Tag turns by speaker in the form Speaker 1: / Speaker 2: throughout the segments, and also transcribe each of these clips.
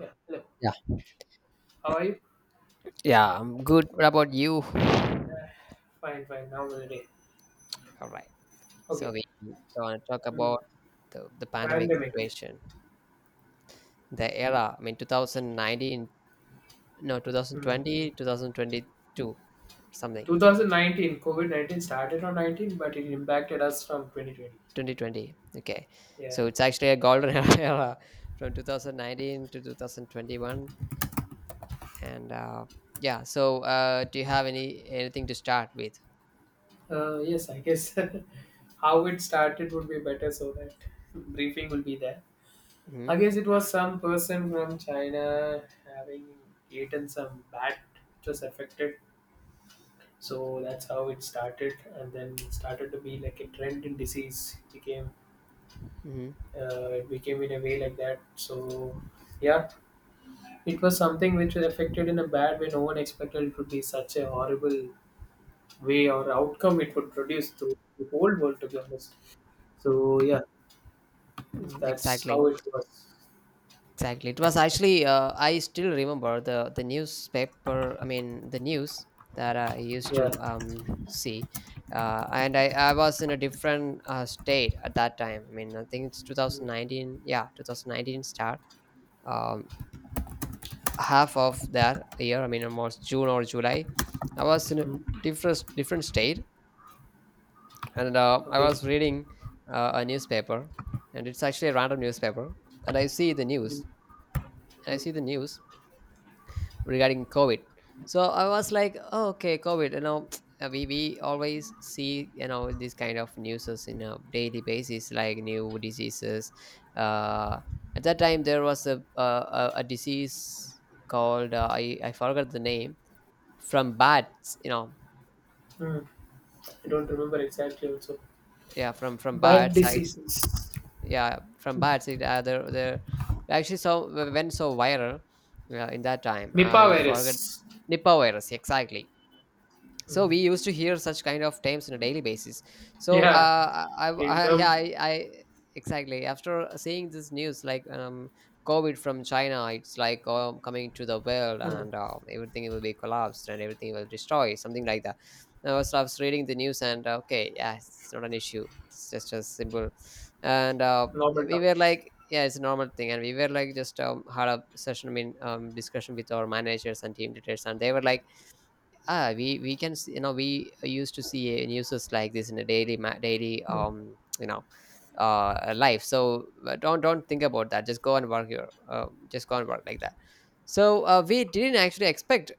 Speaker 1: Yeah, hello.
Speaker 2: Yeah.
Speaker 1: How are you?
Speaker 2: Yeah, I'm good. What about you?
Speaker 1: Yeah. Fine, fine. How was the day?
Speaker 2: All right.
Speaker 1: Okay.
Speaker 2: So we want to talk
Speaker 1: Mm.
Speaker 2: about the pandemic
Speaker 1: Pandemic.
Speaker 2: situation, the era. I mean, 2019, no,
Speaker 1: Mm.
Speaker 2: 2020, 2022, something,
Speaker 1: 2019, COVID 19 started on 19, but it impacted us from 2020.
Speaker 2: 2020. Okay.
Speaker 1: Yeah.
Speaker 2: So it's actually a golden era from 2019 to 2021. And yeah, so do you have anything to start with?
Speaker 1: Yes, I guess how it started would be better so that briefing will be there. I
Speaker 2: Mm-hmm.
Speaker 1: guess it was some person from China having eaten some bat which was affected. So that's how it started, and then it started to be like a trend in disease. Became
Speaker 2: Mm-hmm.
Speaker 1: it became in a way like that. So, yeah, it was something which was affected in a bad way. No one expected it would be such a horrible way or outcome it would produce to the whole world, to be honest. So, yeah,
Speaker 2: mm-hmm,
Speaker 1: that's how
Speaker 2: Exactly.
Speaker 1: it was.
Speaker 2: Exactly. It was actually I still remember the newspaper. I mean the news that I used
Speaker 1: Yeah.
Speaker 2: to see, and I was in a different state at that time. I mean I think it's
Speaker 1: Mm,
Speaker 2: 2019. Yeah, 2019 start. Um, Half of that year. I mean almost June or July. I was in a
Speaker 1: mm.
Speaker 2: different state, and I
Speaker 1: Okay.
Speaker 2: was reading a newspaper, and it's actually a random newspaper, and I see the
Speaker 1: Mm,
Speaker 2: news. I
Speaker 1: mm,
Speaker 2: see the news regarding COVID. So I was like, oh, okay, COVID. You know, we always see these kind of news in a daily basis, like new diseases. Uh, at that time, there was a disease called I forgot the name from bats. You know,
Speaker 1: mm. I don't remember exactly also.
Speaker 2: yeah, from
Speaker 1: Bad
Speaker 2: bats. I
Speaker 1: diseases.
Speaker 2: Yeah, from bats. It there actually so went so viral in that time.
Speaker 1: Mipah
Speaker 2: I forgot.
Speaker 1: virus.
Speaker 2: Nipah virus, exactly. So
Speaker 1: Mm.
Speaker 2: we used to hear such kind of terms on a daily basis. So,
Speaker 1: Yeah, in
Speaker 2: I yeah,
Speaker 1: terms,
Speaker 2: I exactly, after seeing this news, like, COVID from China. It's like, coming to the world,
Speaker 1: mm,
Speaker 2: and everything will be collapsed and everything will destroy, something like that. I was reading the news, and okay, yeah, it's not an issue, it's just as simple. And
Speaker 1: normal
Speaker 2: we were
Speaker 1: terms.
Speaker 2: like, yeah, it's a normal thing. And we were like, just had a session, I mean, discussion with our managers and team leaders, and they were like, we can see, you know, we used to see news like this in a daily daily,
Speaker 1: Mm,
Speaker 2: life. So don't think about that, just go and work your just go and work, like that. So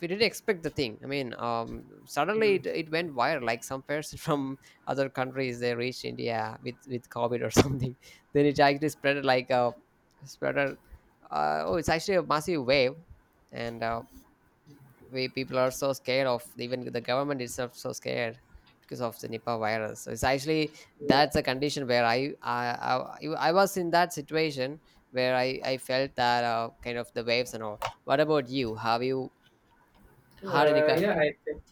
Speaker 2: we didn't expect the thing. I mean, suddenly
Speaker 1: mm.
Speaker 2: it went viral, like some person from other countries, they reached india with covid or something. Then it actually spread like a spreader. Oh, it's actually a massive wave. And way people are so scared, of even the government itself so scared, because of the Nipah virus. So it's actually—
Speaker 1: Yeah,
Speaker 2: that's a condition where I was in that situation, where I felt that, kind of the waves and all. What about you? Have you had any?
Speaker 1: uh, yeah, I think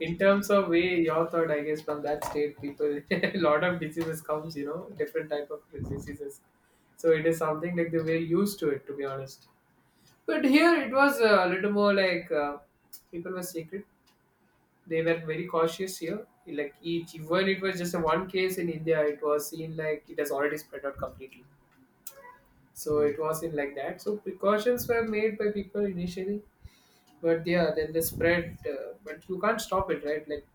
Speaker 1: in terms of way your thought, I guess from that state people a lot of diseases comes, you know, different type of diseases. So it is something like they were used to it, to be honest. But here it was a little more like, people were secret. They were very cautious here, like each even it was just a one case in India, it was seen like it has already spread out completely. So
Speaker 2: Mhm.
Speaker 1: it was in like that, so precautions were made by people initially. But yeah, then the spread, but you can't stop it, right? Like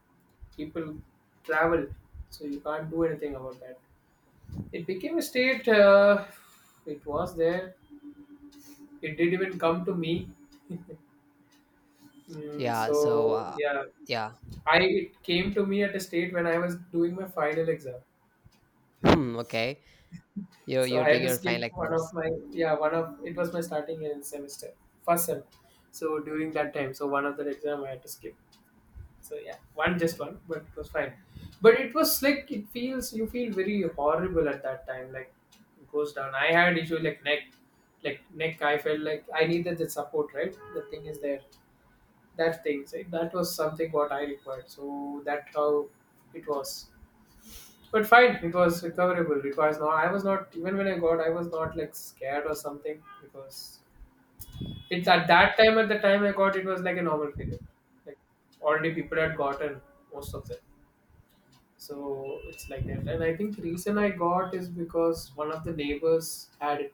Speaker 1: people travel, so you can't do anything about that. It became a state it was there. It did even come to me. Mm,
Speaker 2: Yeah.
Speaker 1: so
Speaker 2: So
Speaker 1: yeah,
Speaker 2: yeah.
Speaker 1: I it came to me at a state when I was doing my final exam.
Speaker 2: Hmm, okay. You're
Speaker 1: So
Speaker 2: you're
Speaker 1: I had
Speaker 2: doing
Speaker 1: to
Speaker 2: your
Speaker 1: skip
Speaker 2: final
Speaker 1: one of
Speaker 2: exams,
Speaker 1: my, yeah, one of it was my starting in semester, first sem. So during that time, so one of the exam I had to skip. So yeah, one just one, but it was fine. But it was like it feels, you feel very horrible at that time. Like it goes down. I had issue like neck, like neck. I felt like I needed the support. Right, the thing is there. That thing, see, that was something what I required. So that's how it was. But fine, it was recoverable. It was not. I was not even when I got. I was not like scared or something because it's at that time. At the time I got, it was like a normal period. Like already people had gotten most of them. So it's like that. And I think the reason I got is because one of the neighbors had it.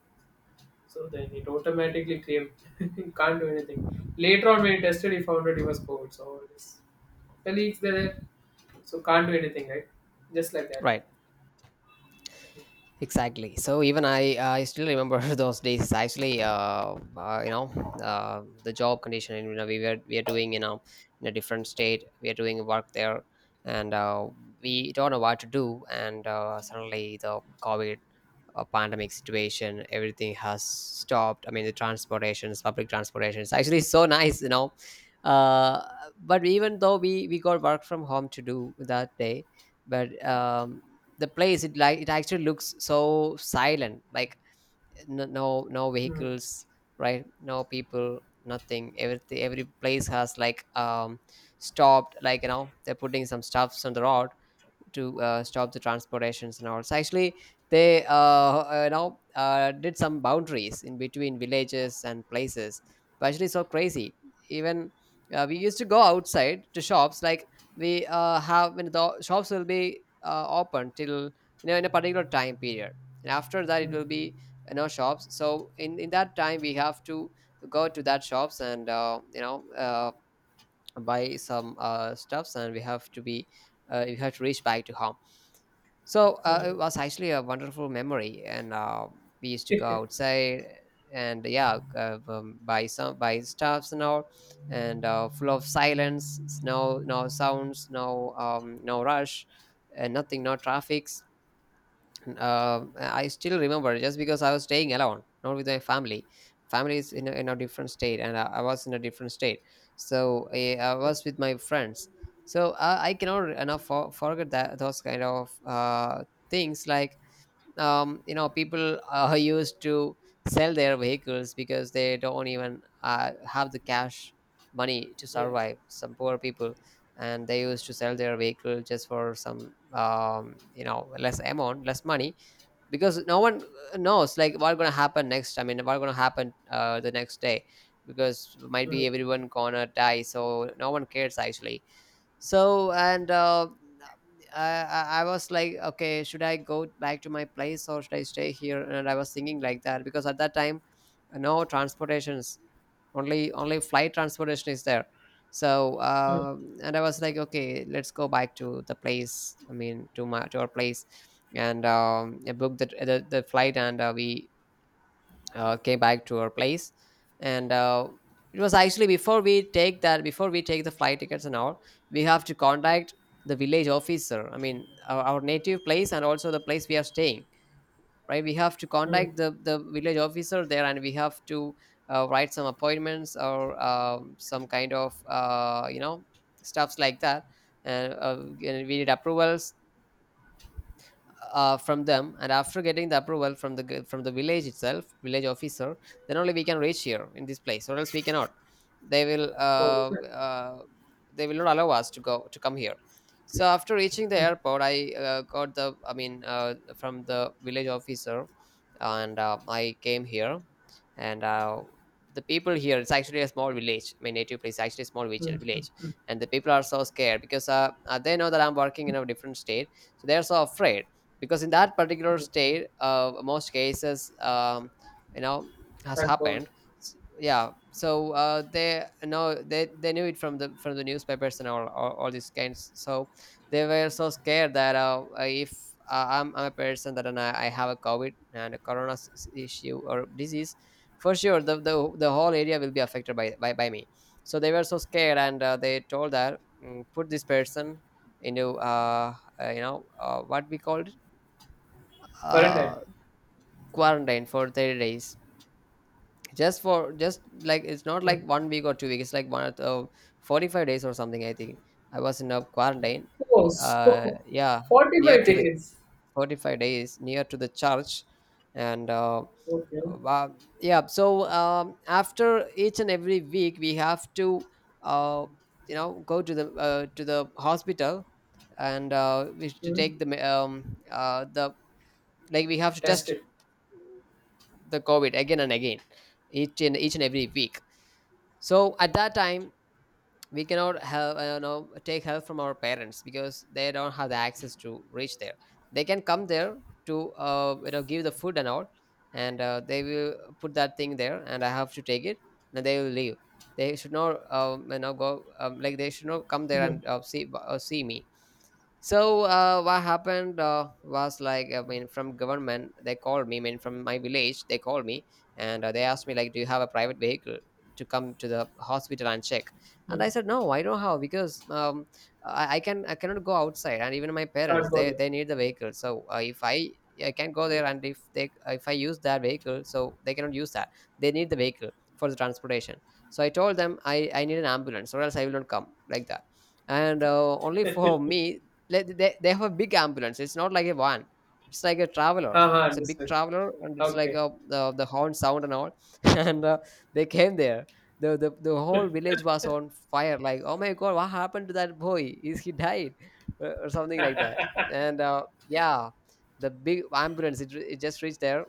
Speaker 1: So then it automatically came. You can't do anything. Later on, when he tested, he found out he was COVID. So his colleagues there, so can't do anything, right? Just like that.
Speaker 2: right? Exactly. So even I still remember those days. Actually, you know, the job condition. You know, we are doing, in a different state. We are doing work there, and we don't know what to do. And suddenly the COVID, pandemic situation, everything has stopped. I mean, the transportations, public transportation is actually so nice. You know, uh, but even though we got work from home to do that day, but the place, it like, it actually looks so silent, like, no
Speaker 1: Mm,
Speaker 2: vehicles, right, no people, nothing, everything, every place has like, stopped, like, they're putting some stuffs on the road to stop the transportations and all. So actually they, you know, did some boundaries in between villages and places, but actually so crazy. Even we used to go outside to shops, like, we have— when the shops will be open till, you know, in a particular time period, and after that it
Speaker 1: mm,
Speaker 2: will be, you know, shops. So in that time we have to go to that shops, and you know, buy some stuffs, and we have to be— you have to reach back to home. So
Speaker 1: mm,
Speaker 2: it was actually a wonderful memory, and we used to go outside and, yeah, buy stuffs and all, and full of silence, no, sounds, no, no rush, and nothing, no traffic. I still remember, just because I was staying alone, not with my family. Family is in a different state, and I was in a different state. So I was with my friends. So I cannot enough, forget that, those kind of things. Like, you know, people used to sell their vehicles because they don't even have the cash money to
Speaker 1: yeah.
Speaker 2: survive. Some poor people. And they used to sell their vehicle just for some, you know, less amount, less money, because no one knows like what's gonna happen next, I mean what's gonna happen the next day, because might
Speaker 1: Mm,
Speaker 2: be everyone gonna die, so no one cares actually. So, and I was like, okay, should I go back to my place, or should I stay here? And I was thinking like that, because at that time, no transportations, only flight transportation is there. So
Speaker 1: mm,
Speaker 2: and I was like, okay, let's go back to the place, I mean to my, to our place. And I booked the flight, and we came back to our place. And it was actually— before we take the flight tickets and all, we have to contact the village officer, I mean our native place and also the place we are staying, right. We have to
Speaker 1: mm.
Speaker 2: contact the village officer there, and we have to write some appointments, or some kind of, you know, stuffs like that. And we need approvals from them, and after getting the approval from the village itself, village officer, then only we can reach here in this place, or else we cannot. They will
Speaker 1: Oh, is it?
Speaker 2: uh, they will not allow us to go to come here. So after reaching the
Speaker 1: Mm,
Speaker 2: airport, I got the, I mean, from the village officer. And I came here. And the people here, it's actually a small village, my native place is actually a small village
Speaker 1: mm,
Speaker 2: village
Speaker 1: mm,
Speaker 2: And the people are so scared because, they know that I'm working in a different state. So they're so afraid, because in that particular
Speaker 1: mm.
Speaker 2: state, most cases, you know, has
Speaker 1: That cold.
Speaker 2: happened. Yeah, so, they, you know, they knew it from the newspapers and all these kinds. So they were so scared that, if, I'm a person that— and I have a covid and a corona, issue or disease, for sure the whole area will be affected by by me. So they were so scared, and they told that, put this person into, you know, what we called,
Speaker 1: Quarantine.
Speaker 2: uh quarantine for 30 days. Just for, just like, it's not
Speaker 1: Mm.
Speaker 2: like 1 week or 2 weeks, it's like one or 45 days or something, I think, I was in a quarantine.
Speaker 1: Oh, so
Speaker 2: Yeah, near
Speaker 1: 45
Speaker 2: to the—
Speaker 1: days.
Speaker 2: 45 days, near to the church. And
Speaker 1: Okay.
Speaker 2: uh yeah, so, after each and every week we have to, uh you know, go to the, to the hospital, and we should to
Speaker 1: Mm.
Speaker 2: take the, the, like we have to test
Speaker 1: Tested.
Speaker 2: the covid again and again, each and every week. So at that time we cannot have, you know, take help from our parents, because they don't have the access to reach there. They can come there to, you know, give the food and all, and they will put that thing there and I have to take it, and they will leave. They should not, you know, go, like they should not come there
Speaker 1: Mm.
Speaker 2: and, see me. So what happened, was like, I mean from government they called me, I mean from my village they called me. And they asked me like, do you have a private vehicle to come to the hospital and check? And I said, no, I don't have, because I cannot go outside, and even my
Speaker 1: Can't
Speaker 2: parents,
Speaker 1: go
Speaker 2: they
Speaker 1: there.
Speaker 2: they need the vehicle. So if I can go there, and if I use that vehicle, so they cannot use that. They need the vehicle for the transportation. So I told them, I need an ambulance, or else I will not come, like that and only for me, they have a big ambulance. It's not like a van, it's like a traveler.
Speaker 1: हाँ हाँ
Speaker 2: It's a big
Speaker 1: understand.
Speaker 2: traveler, and it's like
Speaker 1: okay.
Speaker 2: the horn sound and all. And they came there. The whole village was on fire, like, oh my god, what happened to that boy, is he died or something like that. And yeah, the big ambulance, it just reached there.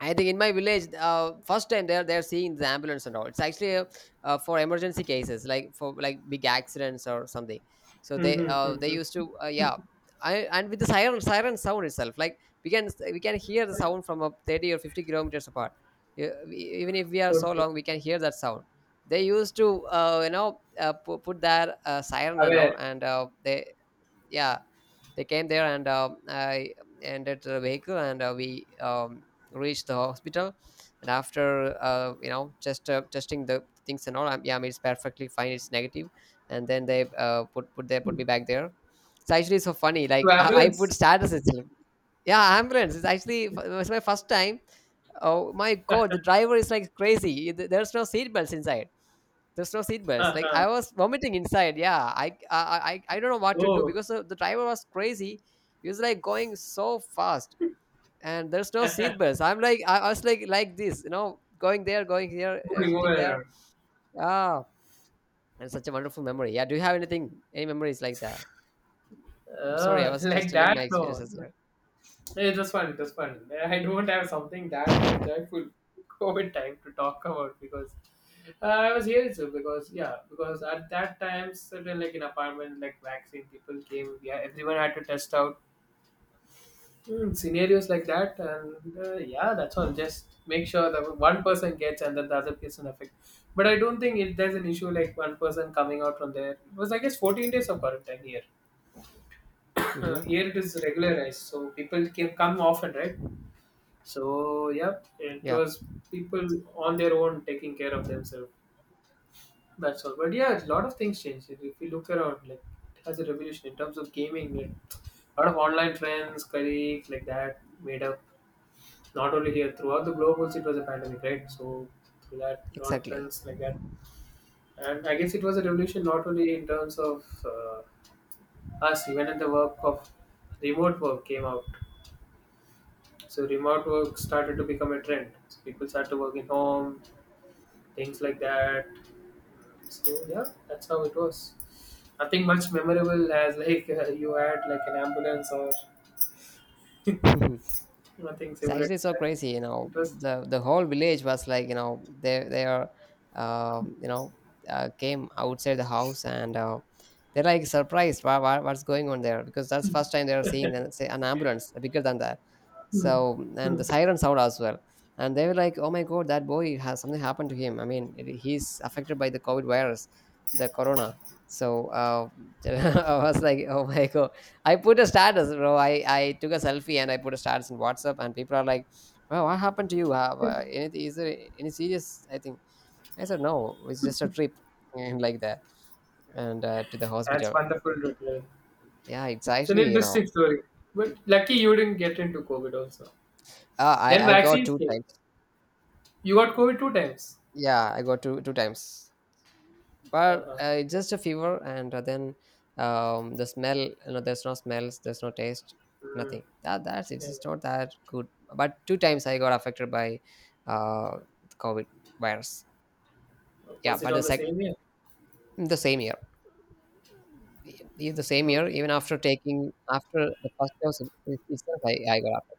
Speaker 2: I think in my village, first time they're seeing the ambulance and all. It's actually for emergency cases, like, for like big accidents or something. So
Speaker 1: hmm, hmm
Speaker 2: they used
Speaker 1: hmm.
Speaker 2: to, yeah, and with the siren sound itself, like, we can hear the sound from a 30 or 50 kilometers apart. E- Even if we are so
Speaker 1: okay.
Speaker 2: long, we can hear that sound. They used to, put their siren and all,
Speaker 1: aware
Speaker 2: and they, yeah, they came there. And I entered the vehicle, and we, reached the hospital. And after, you know just testing the things and all, yeah, I mean, it's perfectly fine, it's negative. And then they, put put they put me back there. It's actually so funny,
Speaker 1: to
Speaker 2: like, I
Speaker 1: ambulance.
Speaker 2: put status itself. Yeah, ambulance, it's actually, it was my first time. Oh my god, the driver is like crazy. There's no seat belts inside, there's no
Speaker 1: हाँ
Speaker 2: seatbelts. Like, I
Speaker 1: हाँ.
Speaker 2: was vomiting inside. Yeah, I don't know what
Speaker 1: oh.
Speaker 2: to do, because the driver was crazy. He was like going so fast, and there's no seatbelts. I'm like, I was like this, you know, going there, going here,
Speaker 1: moving
Speaker 2: hitting
Speaker 1: moving
Speaker 2: there.
Speaker 1: around.
Speaker 2: Ah, and such a wonderful memory. Yeah, do you have anything, any memories like that? I'm sorry, I
Speaker 1: uh,
Speaker 2: was just
Speaker 1: like
Speaker 2: telling my
Speaker 1: that, no,
Speaker 2: experiences there.
Speaker 1: it was fun, it was fun. I don't have something that joyful COVID time to talk about because I was here too. Because yeah, because at that time certain like in apartment like vaccine people came, yeah, everyone had to test out. Mm, scenarios like that, and yeah, that's all. Just make sure that one person gets and then the other person affect. But I don't think it, there's an issue like one person coming out from there. It was, I guess, 14 days of quarantine here.
Speaker 2: Mm-hmm.
Speaker 1: Here it is regularized, so people can come often, right? So yeah, it
Speaker 2: Yeah,
Speaker 1: was people on their own taking care of themselves. That's all. But yeah, a lot of things changed. If you look around, like, it has a revolution in terms of gaming. Like, a lot of online friends, colleagues, like that, made up. Not only here, throughout the globe also it was a pandemic, right? So through that, a lot of
Speaker 2: exactly.
Speaker 1: friends like that. And I guess it was a revolution not only in terms of us, even in the work of remote work came out. So remote work started to become a trend. So people started to work in home, things like that. So yeah, that's how it was. Nothing much memorable as like, you had like an ambulance or nothing
Speaker 2: It's
Speaker 1: similar to
Speaker 2: actually so
Speaker 1: that.
Speaker 2: crazy, you know.
Speaker 1: It was
Speaker 2: The whole village was like, you know, um, you know, came outside the house, and they're like surprised, what what's going on there, because that's first time they're seeing an, say, an ambulance bigger than that. So, and
Speaker 1: hmm,
Speaker 2: the siren sound as well, and they were like, oh my god, that boy has something happened to him. I mean, he's affected by the COVID virus, the corona. So I was like, oh my god, I put a status, bro. I took a selfie and I put a status in WhatsApp, and people are like, "Well, what happened to you? Have anything? Is there any serious? I think." I said, "No, it's just a trip," and like that, and to the
Speaker 1: that's
Speaker 2: hospital.
Speaker 1: wonderful. Rutland.
Speaker 2: Yeah, it's
Speaker 1: It's an
Speaker 2: actually, you know,
Speaker 1: interesting story. But lucky you didn't get into COVID also.
Speaker 2: uh,
Speaker 1: Then
Speaker 2: I I got
Speaker 1: vaccines
Speaker 2: two
Speaker 1: came.
Speaker 2: times.
Speaker 1: You got COVID two times.
Speaker 2: Yeah, I got two times, but
Speaker 1: Uh-huh.
Speaker 2: it's just a fever, and then the smell. You know, there's no smells, there's no taste,
Speaker 1: Mm.
Speaker 2: nothing. That's it's
Speaker 1: Yeah, yeah.
Speaker 2: just not that good. But two times I got affected by uh COVID virus. Yeah,
Speaker 1: Was it
Speaker 2: but
Speaker 1: on the same year?
Speaker 2: the same year. The same year,
Speaker 1: Okay.
Speaker 2: even after taking, after the first dose itself, I got after,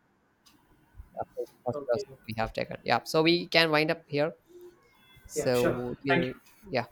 Speaker 2: after the first
Speaker 1: Okay.
Speaker 2: dose
Speaker 1: Okay.
Speaker 2: we have taken. Yeah, so we can wind up here,
Speaker 1: Yeah,
Speaker 2: so
Speaker 1: sure. Thank you.
Speaker 2: we'll, yeah.